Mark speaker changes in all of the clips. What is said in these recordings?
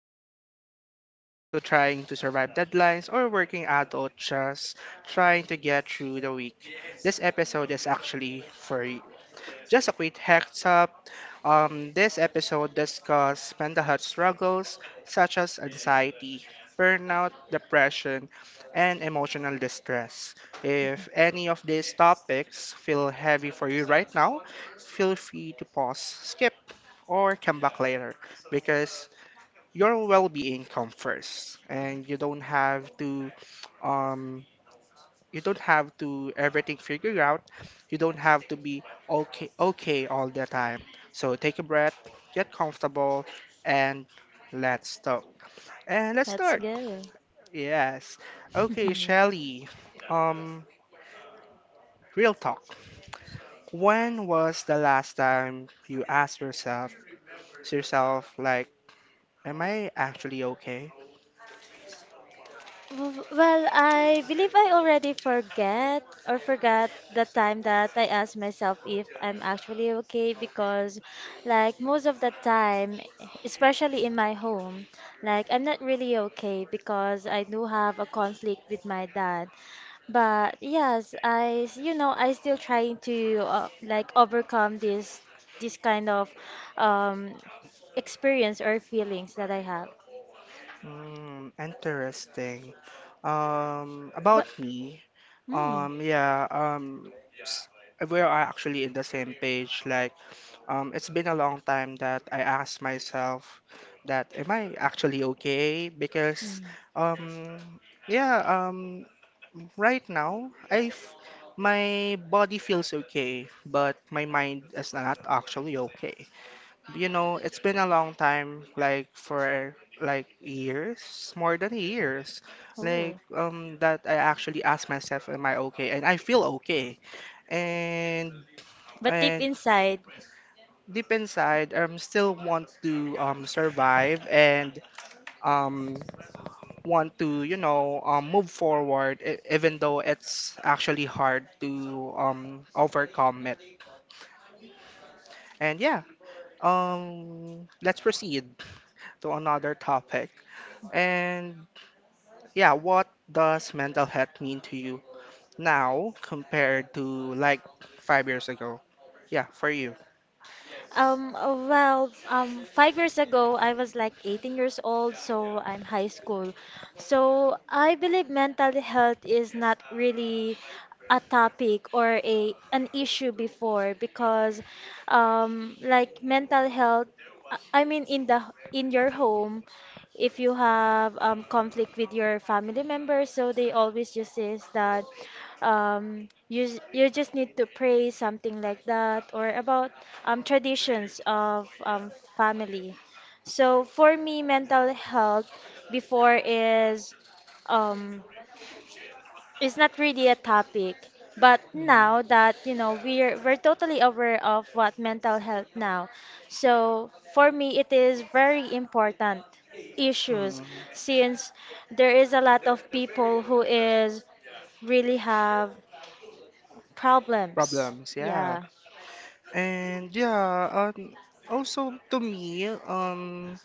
Speaker 1: you are a student or to trying to survive deadlines or working adult just trying to get through the week, this episode is actually for you. Just a quick heads up. This episode discusses mental health struggles such as anxiety, burnout, depression, and emotional distress. If any of these topics feel heavy for you right now, feel free to pause, skip, or come back later because your well-being comes first, and you don't have to um, you don't have to everything figured out. You don't have to be okay all the time. So take a breath, get comfortable, and let's talk. And let's
Speaker 2: let's
Speaker 1: start.
Speaker 2: go.
Speaker 1: Yes. Okay, Shelly. Um, Real talk. When was the last time you asked yourself like, am I actually okay?
Speaker 2: Well, I believe I already forget or forgot the time that I asked myself if I'm actually okay because, like, most of the time, especially in my home, like, I'm not really okay because I do have a conflict with my dad. But yes, I, s- you know, I still trying to like overcome this kind of um, experience or feelings that I have.
Speaker 1: Mm, interesting. About me,
Speaker 2: Hmm.
Speaker 1: um, yeah, um, s- we are actually in the same page. Like, it's been a long time that I asked myself that, am I actually okay? Because,
Speaker 2: Hmm.
Speaker 1: um, yeah, um, right now, I f my body feels okay, but my mind is not actually okay, you know, it's been a long time, like for like years, more than years, like
Speaker 2: Oh.
Speaker 1: that I actually ask myself, am I okay? And I feel okay. And
Speaker 2: But deep
Speaker 1: and
Speaker 2: inside.
Speaker 1: deep inside, I'm still want to survive and um want to move forward, even though it's actually hard to overcome it. And yeah, let's proceed to another topic. And yeah, what does mental health mean to you now compared to like 5 years ago? Yeah, for you.
Speaker 2: Well, 5 years ago, I was like 18 years old, so I'm high school. So I believe mental health is not really a topic or a an issue before because, like mental health, I mean in the in your home, if you have conflict with your family members, so they always just says that you just need to pray something like that or about traditions of family. So for me, mental health before um, is not really a topic. But now that we're totally aware of what mental health now, so for me it is very important
Speaker 1: Mm,
Speaker 2: issues
Speaker 1: mm,
Speaker 2: since there is a lot of people who is really have problems.
Speaker 1: problems, yeah.
Speaker 2: Yeah.
Speaker 1: And yeah, also to me, um,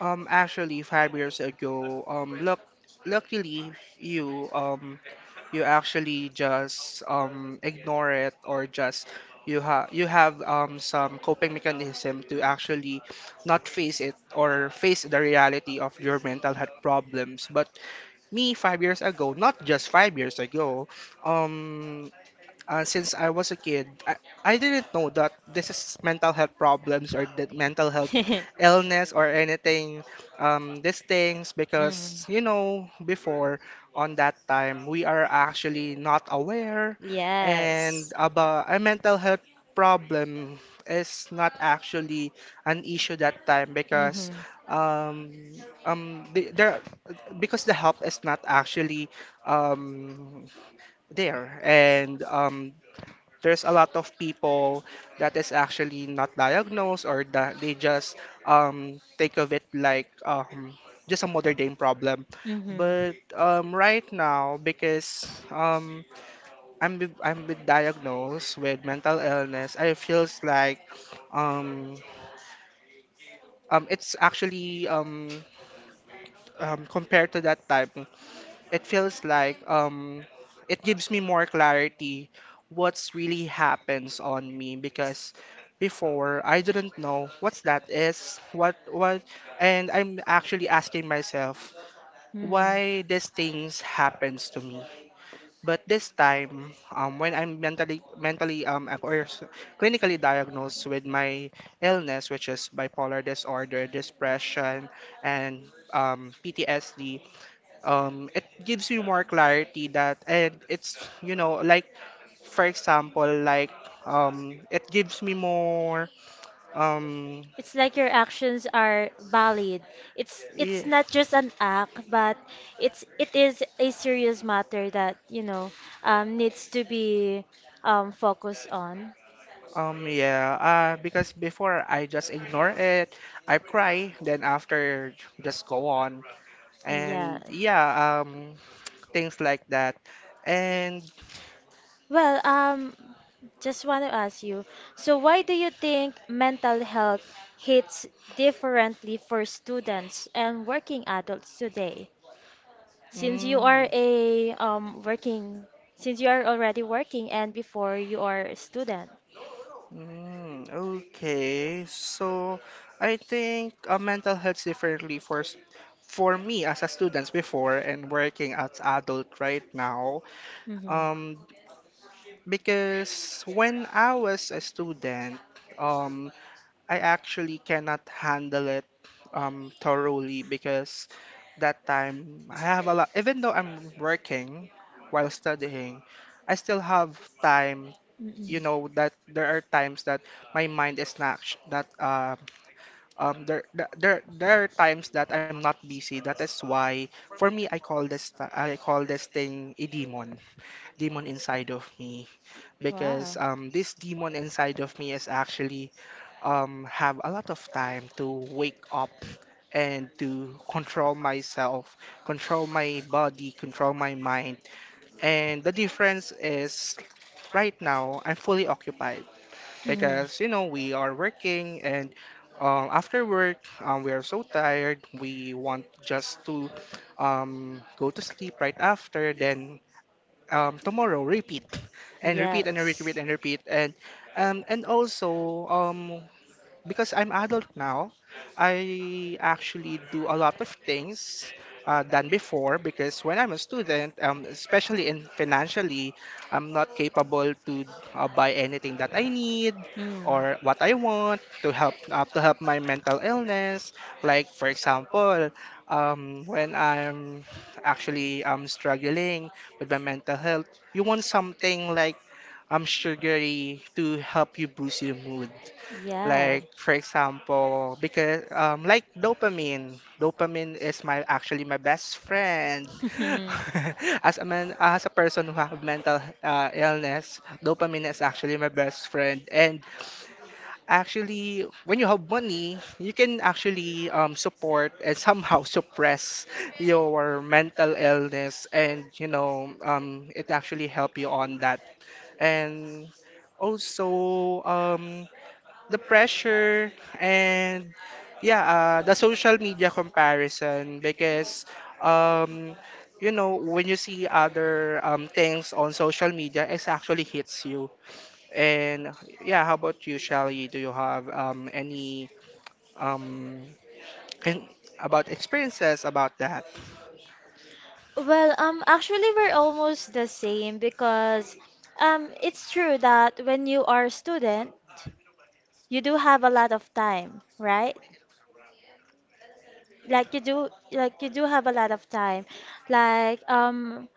Speaker 1: um, actually 5 years ago, look, luckily you, you actually just ignore it or just you have some coping mechanism to actually not face it or face the reality of your mental health problems but me 5 years ago, not just 5 years ago, um since I was a kid, I didn't know that this is mental health problems or that mental health illness or anything, these things,
Speaker 2: Mm.
Speaker 1: because, you know, before on that time, we are actually not aware
Speaker 2: And
Speaker 1: and
Speaker 2: yes.
Speaker 1: about a mental health problem is not actually an issue that time because
Speaker 2: Mm-hmm.
Speaker 1: um the, there because the help is not actually um there and there's a lot of people that is actually not diagnosed or that they just think of it like just a modern day problem.
Speaker 2: Mm-hmm.
Speaker 1: But right now, because um, I'm with diagnosed with mental illness, I feels like um, it's actually compared to that time. It feels like it gives me more clarity what's really happens on me because before I didn't know what's that is what and I'm actually asking myself
Speaker 2: Mm.
Speaker 1: why these things happens to me but this time when I'm mentally clinically diagnosed with my illness which is bipolar disorder depression and PTSD. It gives you more clarity that and it's you know like for example like it gives me more um
Speaker 2: It's like your actions are valid. It's
Speaker 1: i-
Speaker 2: not just an act, but it is a serious matter that needs to be focused on.
Speaker 1: yeah, because before I just ignore it, I cry then after just go on,
Speaker 2: Yeah,
Speaker 1: and yeah,
Speaker 2: yeah.
Speaker 1: things like that. And
Speaker 2: Well, just want to ask you, so why do you think mental health hits differently for students and working adults today? Since you are
Speaker 1: mm,
Speaker 2: a um working, since you are already working and before you are a student.
Speaker 1: mm, okay. So I think mental health differently for for me as a student before and working as adult right now.
Speaker 2: Mm-hmm.
Speaker 1: Um, because when I was a student, um, I actually cannot handle it thoroughly because that time I have a lot. Even though I'm working while studying, I still have time, you
Speaker 2: Mm-mm.
Speaker 1: know that there are times that my mind is not actu- that there, there are times that I'm not busy. That is why for me I call I call this thing a demon, demon inside of me
Speaker 2: Wow.
Speaker 1: because this demon inside of me is actually have a lot of time to wake up and to control myself, control my body, control my mind. And the difference is right now I'm fully occupied
Speaker 2: Mhm.
Speaker 1: because you know we are working and after work we are so tired we want just to go to sleep right after then tomorrow repeat and repeat and
Speaker 2: Yes.
Speaker 1: repeat and repeat and also because I'm adult now, I actually do a lot of things than before because when I'm a student, especially in financially, I'm not capable to buy anything that I need
Speaker 2: Mm.
Speaker 1: or what I want to help my mental illness. Like for example, when I'm actually struggling with my mental health, you want something like sugary to help you boost your mood.
Speaker 2: Yeah.
Speaker 1: Like for example, because like dopamine, dopamine is my actually my best friend. As a man, as a person who have mental illness, dopamine is actually my best friend. And actually, when you have money, you can actually support and somehow suppress your mental illness, and you know, it actually help you on that. And also, the pressure and yeah the social media comparison because um you know when you see other things on social media it actually hits you. And yeah, how about you Shelly, do you have any um and about experiences about that?
Speaker 2: Well, actually, we're almost the same because it's true that when you are a student, you do have a lot of time, right? Like you do have a lot of time. Like um,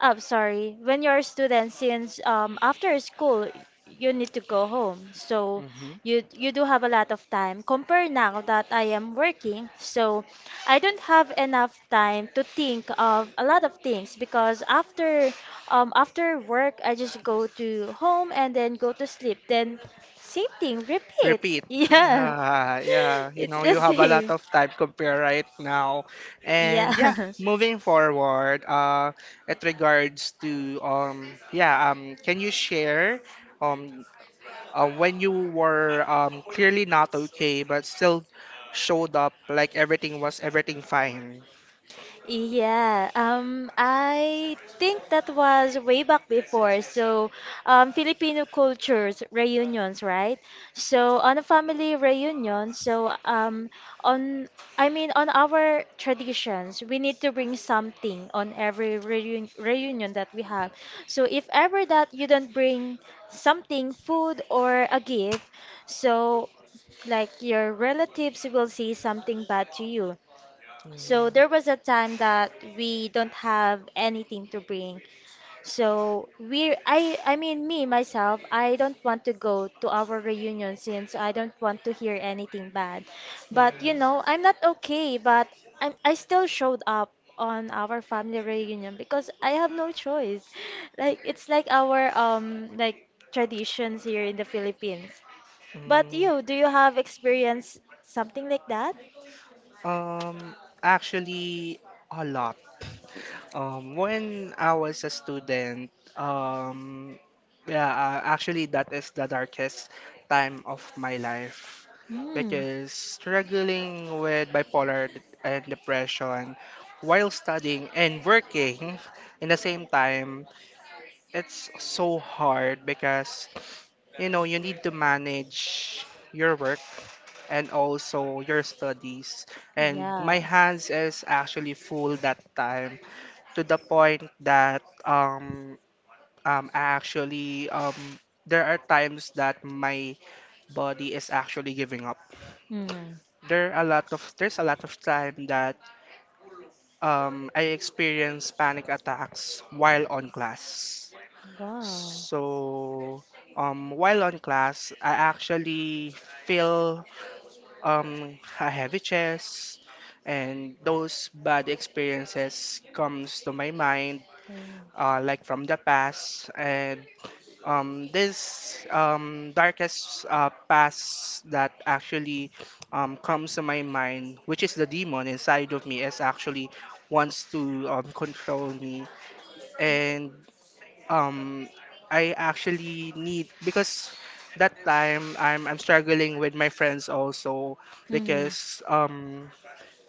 Speaker 2: I'm sorry. When you're a student, since after school you need to go home, so
Speaker 1: Mm-hmm.
Speaker 2: you do have a lot of time. Compare now that I am working, so I don't have enough time to think of a lot of things because after work I just go to home and then go to sleep. Then same thing, repeat.
Speaker 1: Repeat.
Speaker 2: Yeah,
Speaker 1: Yeah, yeah. You
Speaker 2: it's
Speaker 1: know,
Speaker 2: the
Speaker 1: you have a lot
Speaker 2: same.
Speaker 1: of time compare right now. And yeah,
Speaker 2: Yeah.
Speaker 1: moving forward, it regards to can you share um, when you were clearly not okay but still showed up like everything fine?
Speaker 2: Yeah, I think that was way back before. So, Filipino cultures reunions, right? So on a family reunion, so on I mean on our traditions, we need to bring something on every reunion that we have. So if ever that you don't bring something, food or a gift, so like your relatives will say something bad to you.
Speaker 1: Mm,
Speaker 2: So there was a time that we don't have anything to bring. So we I mean me myself, I don't want to go to our reunion since I don't want to hear anything bad. But I'm not okay, but I still showed up on our family reunion because I have no choice. Like it's like our traditions here in the Philippines. But
Speaker 1: mm,
Speaker 2: do you have experience
Speaker 1: mm.
Speaker 2: something like that?
Speaker 1: Um, Actually, a lot. When I was a student, um, yeah, actually, that is the darkest time of my life
Speaker 2: Mm.
Speaker 1: because struggling with bipolar and depression while studying and working in the same time, it's so hard because you know you need to manage your work and also your studies. And
Speaker 2: Yeah.
Speaker 1: my hands is actually full that time to the point that I actually there are times that my body is actually giving up.
Speaker 2: Mm.
Speaker 1: There's a lot of time that I experience panic attacks while on class.
Speaker 2: Wow.
Speaker 1: So while on class, I actually feel a heavy chest and those bad experiences comes to my mind
Speaker 2: Mm.
Speaker 1: like from the past and this darkest past that actually comes to my mind which is the demon inside of me is actually wants to control me and um I actually need because that time I'm struggling with my friends also
Speaker 2: Mm.
Speaker 1: because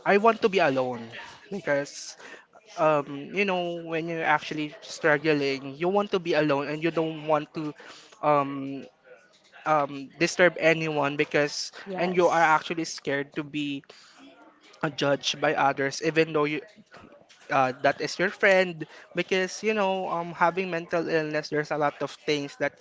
Speaker 1: I want to be alone because you know when you're actually struggling you want to be alone and you don't want to um disturb anyone because and you are actually scared to be judged by others even though you that is your friend because you know having mental illness there's a lot of things that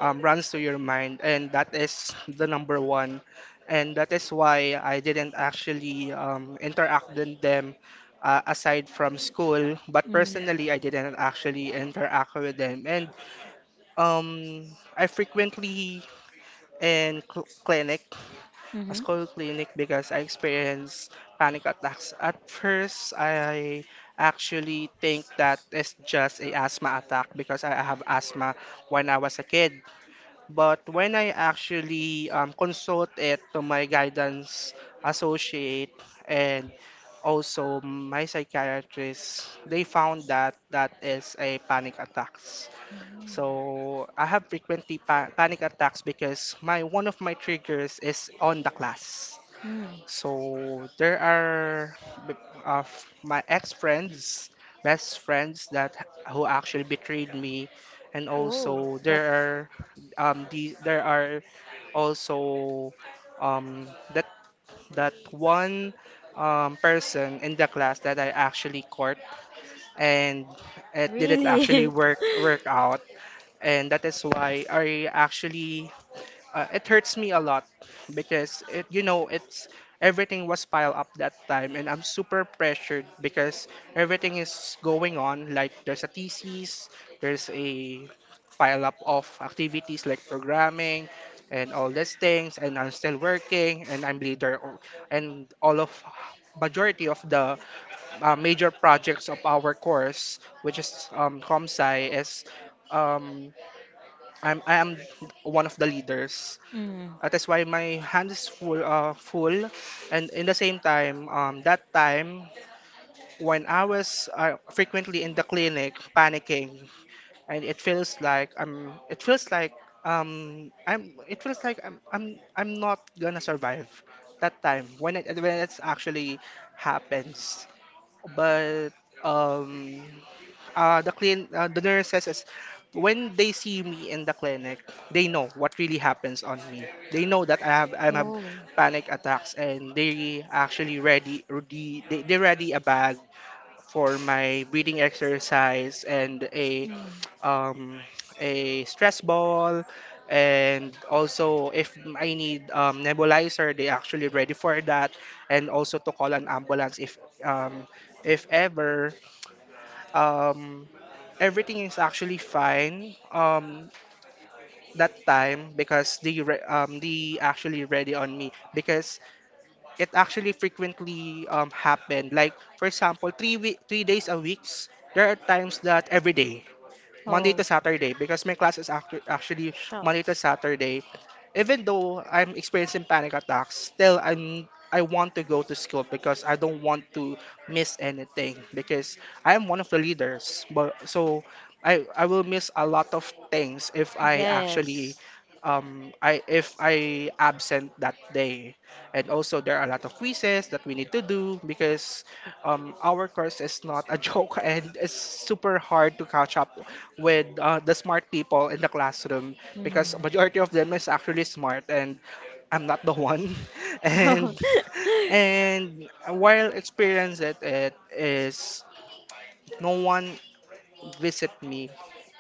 Speaker 1: runs to your mind and that is the number one and that is why I didn't actually interact with them aside from school but
Speaker 2: Yes.
Speaker 1: personally I didn't actually interact with them. And
Speaker 2: Mm.
Speaker 1: um, I frequently in clinic, a
Speaker 2: Mm-hmm.
Speaker 1: school clinic because I experienced panic attacks. At first, I actually think that it's just a asthma attack because I have asthma when I was a kid. But when I actually consult it to my guidance associate and also my psychiatrist, they found that that is a panic attacks. So I have frequently panic attacks because my one of my triggers is on the class.
Speaker 2: Mm.
Speaker 1: So there are b- of my ex-friends, best friends that who actually betrayed me, and
Speaker 2: Oh,
Speaker 1: also
Speaker 2: that's
Speaker 1: there are the there are also that that one person in the class that I actually court and it didn't actually
Speaker 2: really.
Speaker 1: work out, and that is why I actually it hurts me a lot because it you know it's everything was piled up that time and I'm super pressured because everything is going on like there's a thesis, there's a pile up of activities like programming and all these things, and I'm still working and I'm and all of majority of the major projects of our course which is ComSci is um, I am one of the leaders, that's why my hand is full, full, and in the same time, that time
Speaker 2: Mm.
Speaker 1: when I was frequently in the clinic panicking, and it feels like it feels like it feels like I'm not gonna survive that time when it when it's actually happens. But um, uh, the clean uh, the nurses is when they see me in the clinic, they know what really happens on me. They know that I have panic attacks, and they actually they ready a bag for my breathing exercise and um, a stress ball, and also if I need nebulizer they actually ready for that, and also to call an ambulance um, if ever um, everything is actually fine that time because they actually ready on me because it actually frequently happened, like for example 3 week 3 days a weeks, there are times that every day Monday to Saturday because my class is actually Monday to Saturday. Even though I'm experiencing panic attacks, still I want to go to school because I don't want to miss anything because I am one of the leaders. But so I will miss a lot of things if I actually I if I absent that day. And also there are a lot of quizzes that we need to do because our course is not a joke, and it's super hard to catch up with the smart people in the classroom because majority of them is actually smart, and I'm not the one. And and while experience it, it is no one visit me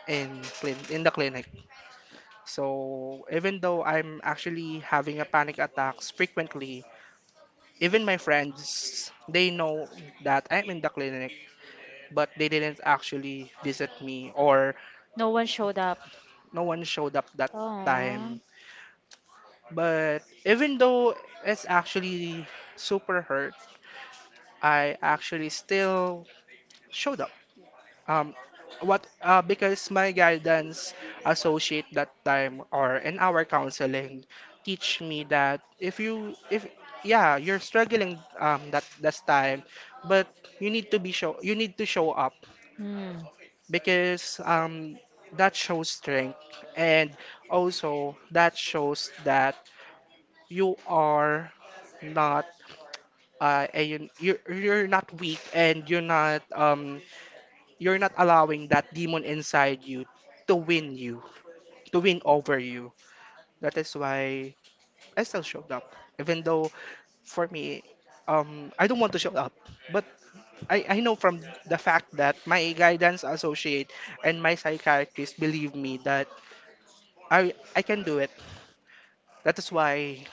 Speaker 1: in clin in the clinic. So even though I'm actually having a panic attacks frequently, even my friends they know that I'm in the clinic, but they didn't actually visit me, or
Speaker 2: No one showed up.
Speaker 1: no one showed up that time. But even though it's actually super hurt, I actually still showed up. Um, what because my guidance associate that time or in our counseling teach me that if yeah you're struggling that this time, but you need to show up
Speaker 2: Hmm.
Speaker 1: because that shows strength, and also that shows that you are not you're not weak, and you're not allowing that demon inside you, to win over you. That is why I still showed up, even though for me, I don't want to show up. But I know from the fact that my guidance associate and my psychiatrist believe me that I can do it. That is why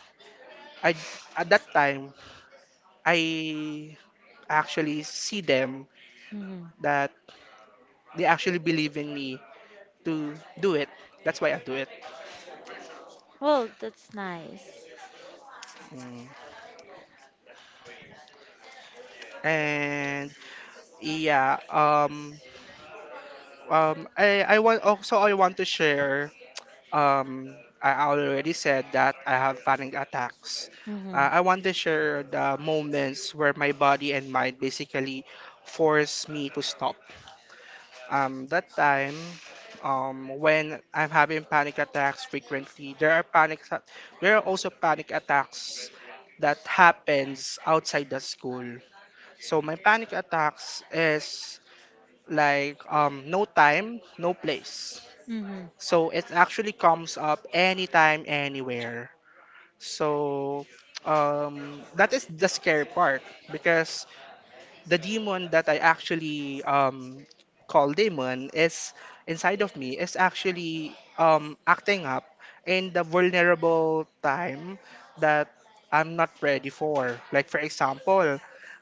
Speaker 1: I at that time I actually see them
Speaker 2: Hmm.
Speaker 1: that they actually believe in me to do it. That's why I do it.
Speaker 2: Well, that's nice.
Speaker 1: Mm. And yeah, I want also I want to share. Um, I already said that I have panic attacks.
Speaker 2: Mm-hmm. Mm-hmm.
Speaker 1: I want to share the moments where my body and mind basically force me to stop. That time, when I'm having panic attacks frequently, there are there are also panic attacks that happens outside the school. So my panic attacks is like no time, no place.
Speaker 2: Mm-hmm. Mhm.
Speaker 1: So it actually comes up anytime, anywhere. So that is the scary part because the demon that I actually call demon is inside of me is actually acting up in the vulnerable time that I'm not ready for. Like for example,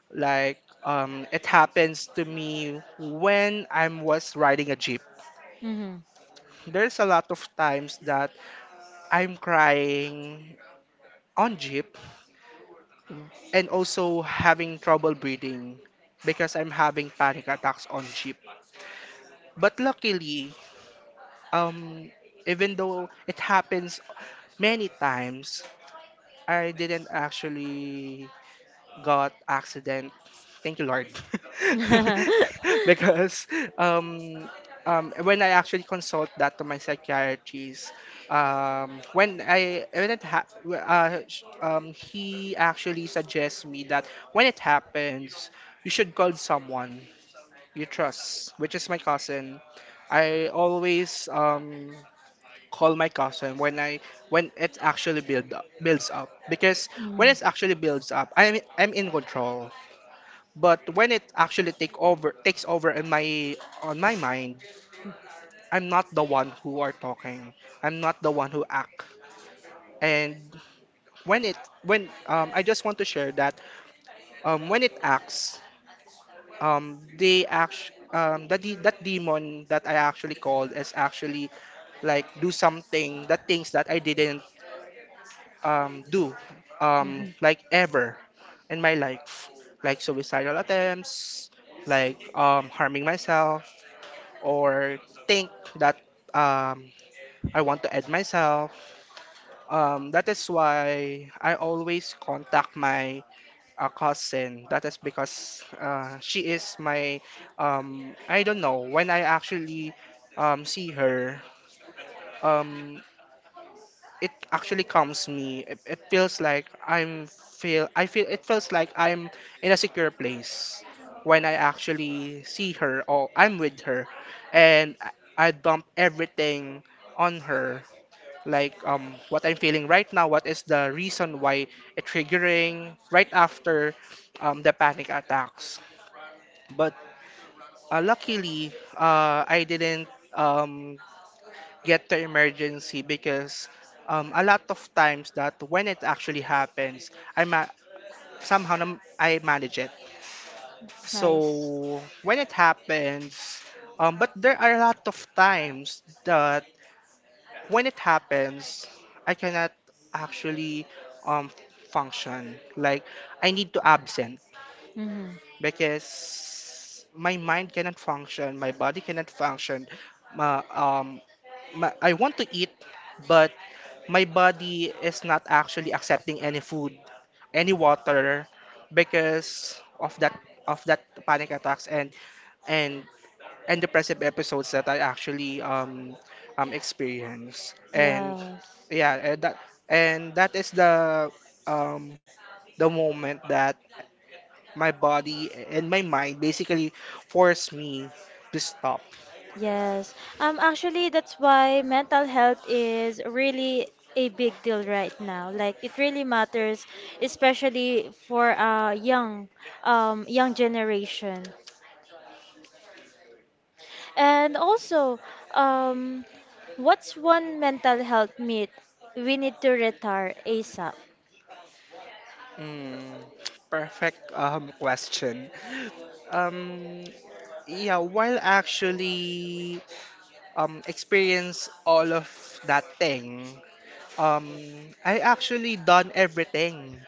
Speaker 1: it happens to me when I was riding a jeep.
Speaker 2: Mhm.
Speaker 1: There's a lot of times that I'm crying on jeep and also having trouble breathing because I'm having panic attacks on jeep. But luckily, um, even though it happens many times, I didn't actually got accident. Thank you, Lord. Because um, when I actually consult that to my psychiatrist, when I when it ha- w- sh- he actually suggests me that when it happens, you should call someone you trust, which is my cousin. I always call my cousin when I when it actually builds up because when it actually builds up, I'm in control. But when it actually takes over in my on my mind, I'm not the one who are talking. I'm not the one who act. And when it when I just want to share that when it acts, they act that that demon that I actually called is actually like do something that things that I didn't do, like ever in my life, like suicidal attempts, like harming myself, or think that um, I want to add myself. That is why I always contact my cousin. That is because she is my. I don't know, when I actually see her, um, it actually calms me. It feels like I'm feel I feel it feels like I'm in a secure place when I actually see her or I'm with her, and I dump everything on her. Like what I'm feeling right now, what is the reason why it triggering right after the panic attacks. But luckily, I didn't um, get to emergency because a lot of times that when it actually happens, I ma- somehow nam- I manage it.
Speaker 2: Nice.
Speaker 1: So when it happens, but there are a lot of times that when it happens, I cannot actually um, function. Like I need to absent
Speaker 2: Mm-hmm.
Speaker 1: because my mind cannot function, my body cannot function. Ma- um, I want to eat, but my body is not actually accepting any food, any water because of that panic attacks and and and depressive episodes that I actually experience. And
Speaker 2: Yes.
Speaker 1: yeah, and that is um the moment that my body and my mind basically force me to stop.
Speaker 2: Yes. Actually, that's why mental health is really a big deal right now. Like it really matters, especially for young generation. And also, um, what's one mental health myth we need to retire ASAP?
Speaker 1: Mm, perfect question. Um, yeah, while actually experience all of that thing, um, I actually done everything.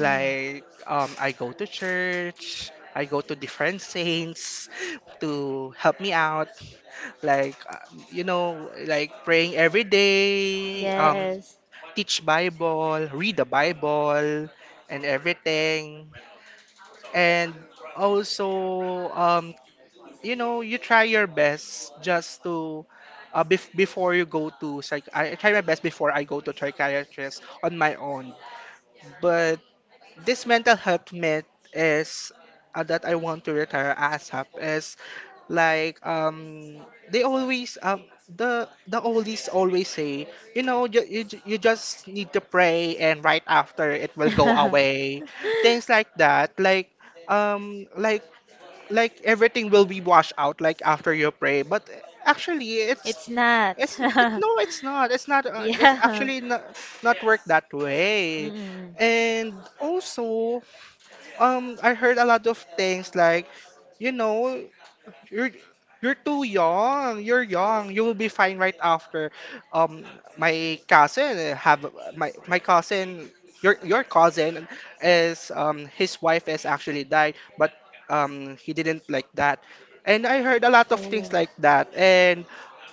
Speaker 2: Mm.
Speaker 1: I go to church, I go to different saints to help me out. Like you know, like praying every day,
Speaker 2: Yes.
Speaker 1: teach Bible, read the Bible, and everything, and also you know you try your best just to before you go to psych I try my best before I go to psychiatrist on my own, but this mental health myth is that I want to retire ASAP is like they always the oldies always say, you know you just need to pray and right after it will go away, things like that, um like like everything will be washed out like after you pray, but actually
Speaker 2: It's not.
Speaker 1: it, no it's not, it's not it's
Speaker 2: Yeah.
Speaker 1: actually not, not work that way.
Speaker 2: Mm.
Speaker 1: And also I heard a lot of things like, you know, you're you're too young. You're young. You will be fine right after. Um, my cousin have my cousin. Your cousin is his wife is actually died, but he didn't like that. And I heard a lot of things like
Speaker 2: Oh.
Speaker 1: that. And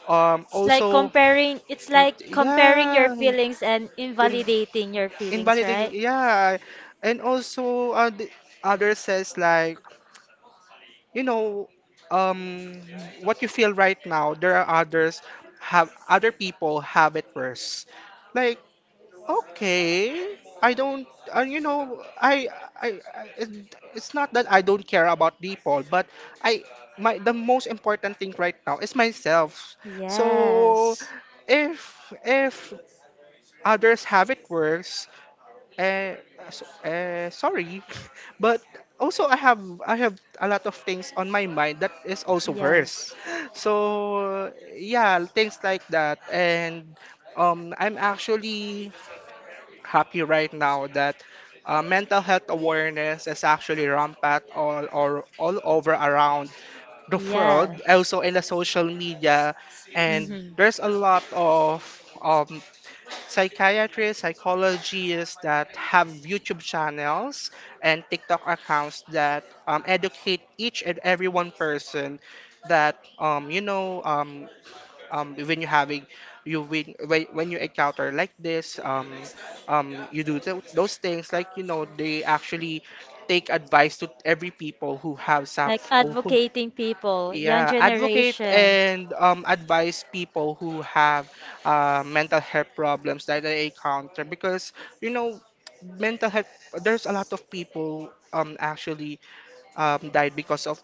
Speaker 2: It's like
Speaker 1: also
Speaker 2: comparing your
Speaker 1: yeah
Speaker 2: feelings and
Speaker 1: then
Speaker 2: invalidating your feelings,
Speaker 1: invalidating
Speaker 2: right?
Speaker 1: yeah, and also the other says like, you know, um what you feel right now there are others have other people have it worse, like okay I don't you know I it, it's not that I don't care about people, but I my the most important thing right now is myself. So
Speaker 2: Yes.
Speaker 1: if if others have it worse, uh, sorry, but also I have a lot of things on my mind that is also worse.
Speaker 2: Yes.
Speaker 1: So yeah, things like that, and I'm actually happy right now that mental health awareness is actually rampant all over around the
Speaker 2: Yeah.
Speaker 1: world, also in the social media, and there's a lot of um, psychiatrists, psychologists that have YouTube channels and TikTok accounts that educate each and every one person that when you having you when you encounter like this, you do those things, like you know they actually take advice to every people who have some
Speaker 2: Example
Speaker 1: who
Speaker 2: advocating people.
Speaker 1: yeah, advocate and advise people who have mental health problems that they encounter because, you know, mental health there's a lot of people actually died because of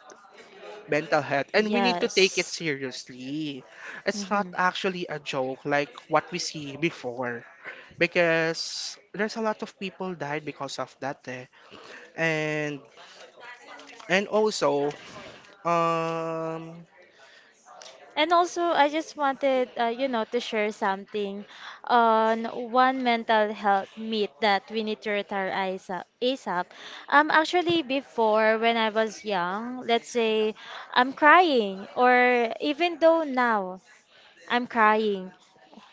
Speaker 1: mental health, and we need to take it seriously. It's not
Speaker 2: Mm-hmm.
Speaker 1: actually a joke like what we see before because there's a lot of people died because of that eh. And and also um
Speaker 2: And also, I just wanted, to share something on one mental health myth that we need to retire ASAP. ASAP. Actually, before when I was young, let's say I'm crying, or even though now I'm crying,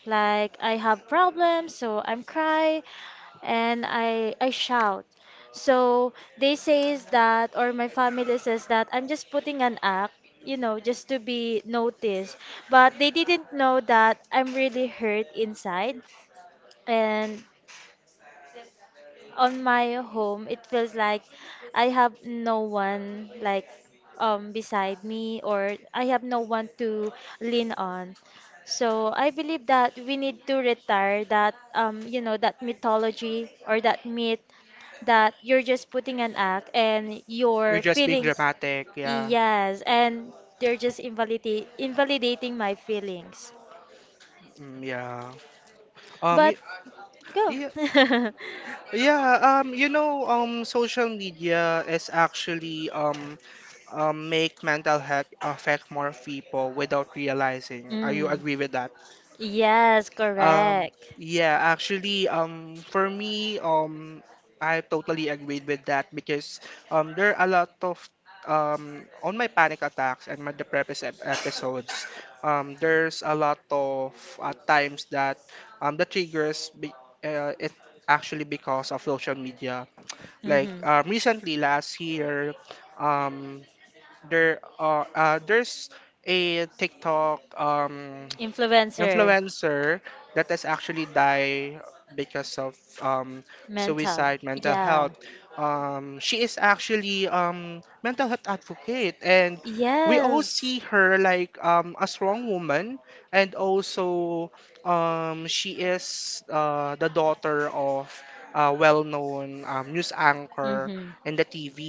Speaker 2: like I have problems, so I'm cry and I shout. So they says that or my family says that I'm just putting an act, just to be noticed. But they didn't know that I'm really hurt inside and on my home, it feels like I have no one beside me or I have no one to lean on. So I believe that we need to retire that you know that mythology or that myth that you're just putting an act and
Speaker 1: You're
Speaker 2: your
Speaker 1: just being
Speaker 2: feelings.
Speaker 1: dramatic, yeah.
Speaker 2: Yes, and they're just invalidate invalidating my feelings.
Speaker 1: Mm, yeah. Um,
Speaker 2: But
Speaker 1: y-
Speaker 2: go.
Speaker 1: yeah, yeah, you know, social media is actually make mental health affect more people without realizing. Are you agree with that?
Speaker 2: Yes.
Speaker 1: Um, yeah, actually, for me, I totally agreed with that because there are a lot of on my panic attacks and my depressive episodes. There's a lot of times that the triggers be, it actually because of social media. Like
Speaker 2: Like,
Speaker 1: recently, last year, um, there's a TikTok
Speaker 2: influencer, influencer,
Speaker 1: influencer that has actually died because of suicide, mental health. She is actually mental health advocate, and
Speaker 2: because.
Speaker 1: we all
Speaker 2: Yes.
Speaker 1: see her like a strong woman, and also she is the daughter of a well-known news anchor
Speaker 2: And
Speaker 1: in the TV.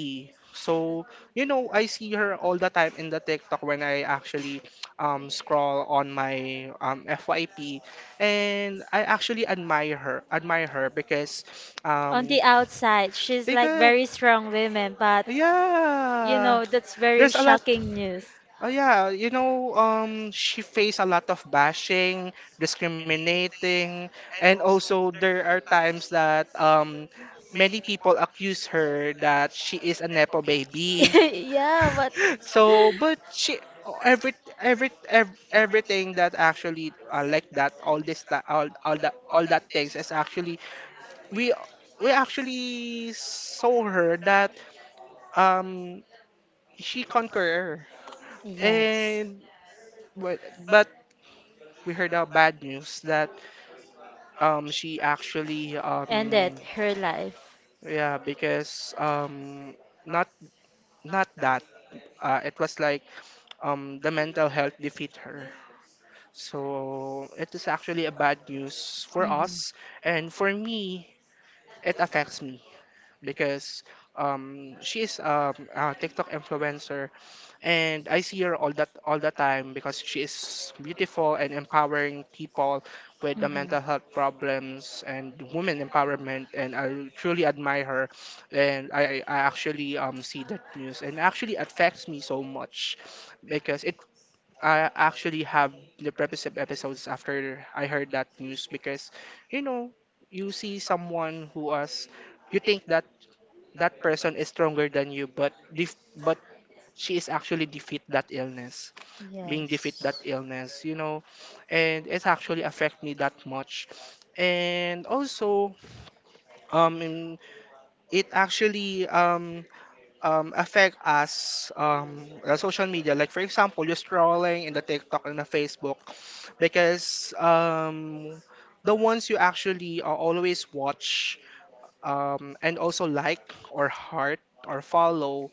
Speaker 1: So, you know, I see her all the time in the TikTok when I actually scroll on my FYP, and I actually admire her um,
Speaker 2: the outside, she's
Speaker 1: because
Speaker 2: very strong women, but.
Speaker 1: yeah,
Speaker 2: Know, that's very
Speaker 1: there's a lot.
Speaker 2: shocking news.
Speaker 1: Oh, yeah, she faced a lot of bashing, discriminating, and also there are times that many people accuse her that she is a nepo baby.
Speaker 2: Yeah, but
Speaker 1: So, but she every every ev everything that actually like that all this that all that things is actually we we actually saw her that um she conqueror,
Speaker 2: yes,
Speaker 1: and but but we heard a bad news that she actually
Speaker 2: ended her life.
Speaker 1: yeah, because not not that, it was like, the mental health defeat her. So it is actually a bad news for
Speaker 2: Mhm.
Speaker 1: us, and for me, it affects me because she is a TikTok influencer, and I see her all the time because she is beautiful and empowering people with the
Speaker 2: Mhm.
Speaker 1: mental health problems and women empowerment, and I truly admire her. And I actually see that news, and actually affects me so much because it I actually have the previous episodes after I heard that news. Because, you know, you see someone who was, you think that that person is stronger than you, but she is actually defeat that illness, being defeat
Speaker 2: Yes.
Speaker 1: that illness. And it's actually affect me that much. And also, um in- it actually affect us, the social media, like for example, you're scrolling in the TikTok and the Facebook, because the ones you actually always watch, and also like or heart or follow,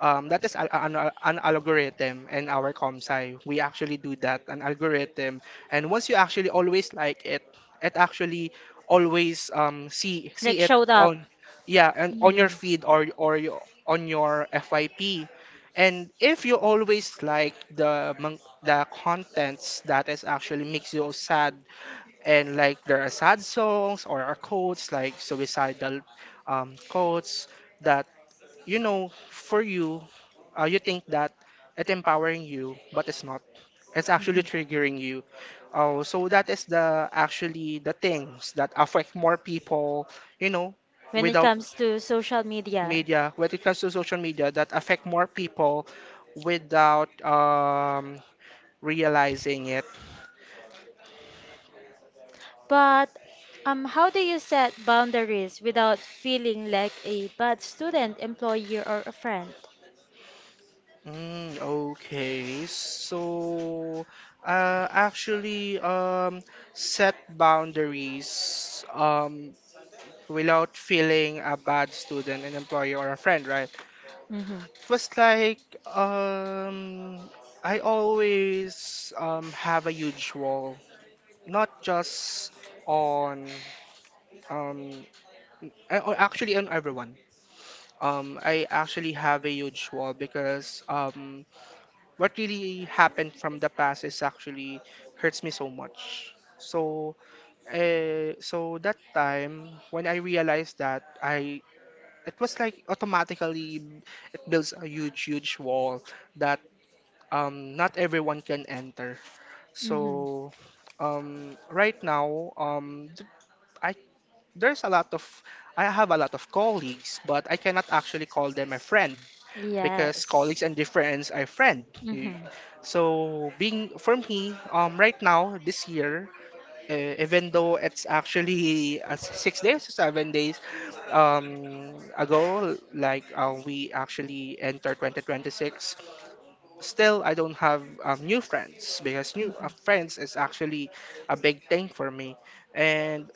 Speaker 1: that is al- an algorithm in our ComSci. We actually do that, an algorithm. And once you actually always like it actually always, see
Speaker 2: Like
Speaker 1: it
Speaker 2: showed up.
Speaker 1: on, yeah, and on your
Speaker 2: Mm.
Speaker 1: feed, or on your FYP. And if you always like the contents that is actually makes you sad, and like there are sad songs or are quotes like suicidal, quotes that, you know, for you, you think that it's empowering you, but it's not. It's actually triggering you. Oh, so that is the actually the things that affect more people, you know,
Speaker 2: When it
Speaker 1: without
Speaker 2: comes to social media.
Speaker 1: media, when it comes to social media, that affect more people without realizing it.
Speaker 2: But how do you set boundaries without feeling like a bad student, employee, or a friend?
Speaker 1: Mm, okay, so actually, set boundaries. Without feeling a bad student, an employee, or a friend, right?
Speaker 2: Mm-hmm.
Speaker 1: It was like, I always, have a huge wall, not just on, um, actually on everyone. I actually have a huge wall because, what really happened from the past is actually hurts me so much. So, so that time when I realized that, I it was like automatically, it builds a huge wall that not everyone can enter,
Speaker 2: Mm-hmm.
Speaker 1: so right now, I there's a lot of I have a lot of colleagues, but I cannot actually call them a friend, because
Speaker 2: Yes.
Speaker 1: colleagues and difference are friend. You-
Speaker 2: Mm-hmm.
Speaker 1: so being for me right now, this year, even though it's actually, 6 days or 7 days ago, like, we actually enter 2026. Still, I don't have new friends, because new
Speaker 2: Mm-hmm.
Speaker 1: friends is actually a big thing for me. And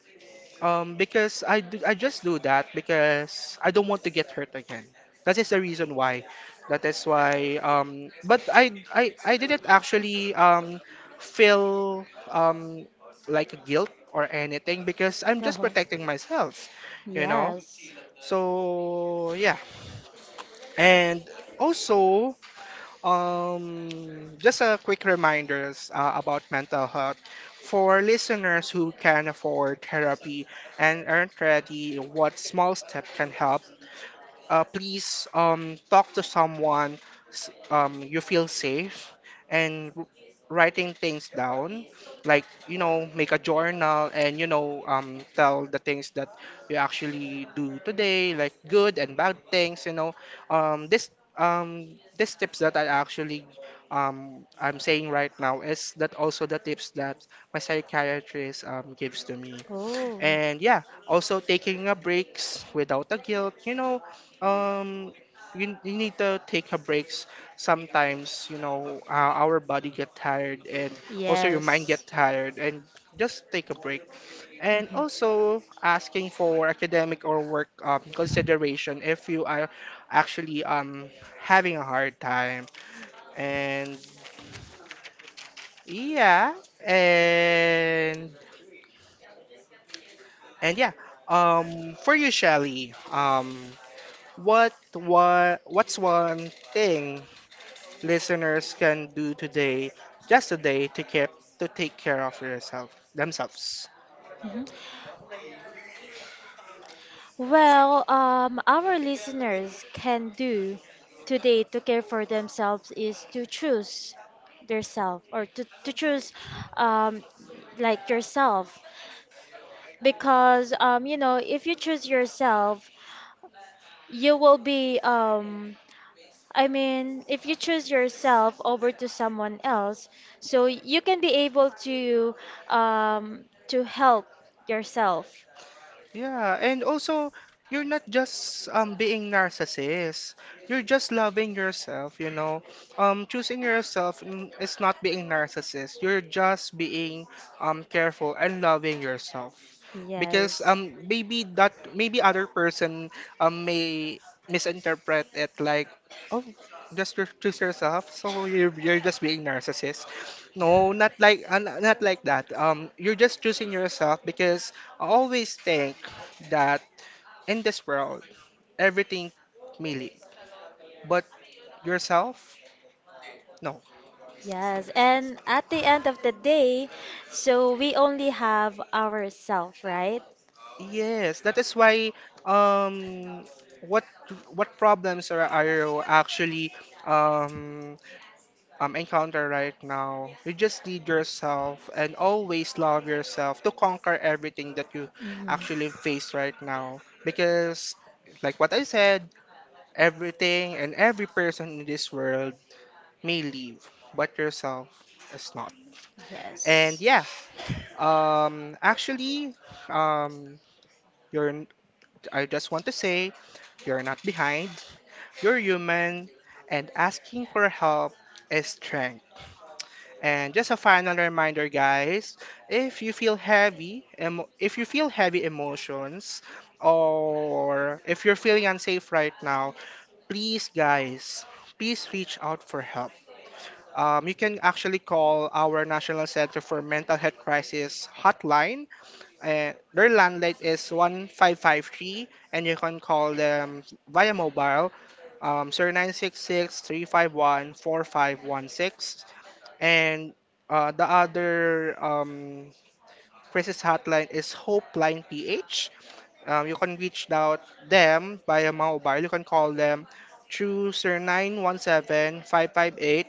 Speaker 1: because I just do that because I don't want to get hurt again. That is the reason why. That is why. But I didn't actually feel like guilt or anything, because I'm just
Speaker 2: Uh-huh.
Speaker 1: protecting myself, you know.
Speaker 2: Yes.
Speaker 1: So, yeah, and also, just a quick reminders about mental health for listeners who can afford therapy and aren't ready. What small step can help? Please talk to someone you feel safe, and writing things down, like, make a journal, and tell the things that you actually do today, like good and bad things. This These tips that I actually, I'm saying right now is that also the tips that my psychiatrist gives to me.
Speaker 2: Oh.
Speaker 1: And, yeah, also taking a breaks without a guilt. Um, you need to take a breaks sometimes. Our body get tired, and also your
Speaker 2: Yes.
Speaker 1: mind get tired, and just take a break. And
Speaker 2: Mm-hmm.
Speaker 1: also asking for academic or work consideration, if you are actually having a hard time. And, yeah, and and yeah. For you, Shelly, what's one thing listeners can do today, just today, to take care of yourself themselves?
Speaker 2: Mm-hmm. Well, our listeners can do today to care for themselves is to choose their self or to choose um, yourself because if you choose yourself you will be I mean if you choose yourself over to someone else so you can be able um, to help yourself.
Speaker 1: Yeah, and also, you're not just being narcissist. You're just loving yourself. Choosing yourself is not being narcissist. You're just being careful and loving yourself. Because
Speaker 2: Yes.
Speaker 1: maybe other person may misinterpret it like, oh, choose yourself, so you're just being narcissist. No, not like that, you're just choosing yourself, because I always think that in this world, everything may leave, but yourself, no.
Speaker 2: Yes, and at the end of the day, so we only have ourselves, right?
Speaker 1: Yes, that is why um what what problems are you actually um encounter right now? You just need yourself and always love yourself to conquer everything that you
Speaker 2: Mhm.
Speaker 1: actually face right now. Because like what I said, everything and every person in this world may leave, but yourself is not. And,
Speaker 2: Yes.
Speaker 1: yeah, actually, um, you're, n- I just want to say, you're not behind, you're human, and asking for help is strength. And just a final reminder, guys, if you feel heavy, emo if you feel heavy emotions, or if you're feeling unsafe right now, please, guys, please reach out for help. You can actually call our National Center for Mental Health Crisis hotline. Their landline is 1553, and you can call them via mobile 0966. And the other um, crisis hotline is Hopeline PH. You can reach out them via mobile. You can call them through 0917 558.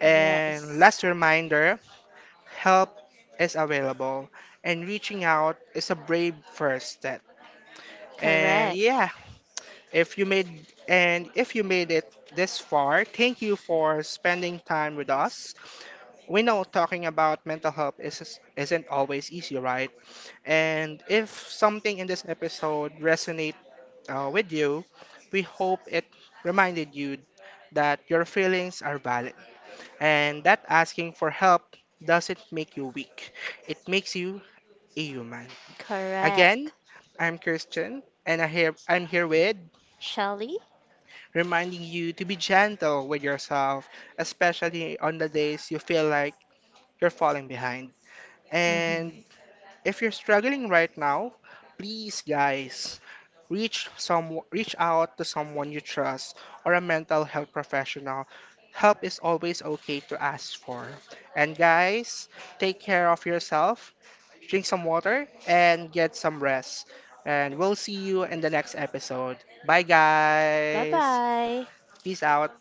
Speaker 1: And,
Speaker 2: Yes.
Speaker 1: last reminder, help is available, and reaching out is a brave first step. And,
Speaker 2: Correct.
Speaker 1: yeah, if you made it this far, thank you for spending time with us. We know talking about mental health isn't always easy, right? And if something in this episode resonate with you, we hope it reminded you that your feelings are valid, and that asking for help doesn't make you weak. It makes you a human. Again,
Speaker 2: Correct.
Speaker 1: I'm Christian, and I'm here with,
Speaker 2: Shelly?
Speaker 1: reminding you to be gentle with yourself, especially on the days you feel like you're falling behind.
Speaker 2: Hmm.
Speaker 1: And, if you're struggling right now, please, guys, reach out to someone you trust, or a mental health professional. Help is always okay to ask for. And, guys, take care of yourself, drink some water, and get some rest. And we'll see you in the next episode. Bye,
Speaker 2: Bye
Speaker 1: guys.
Speaker 2: bye.
Speaker 1: Peace out.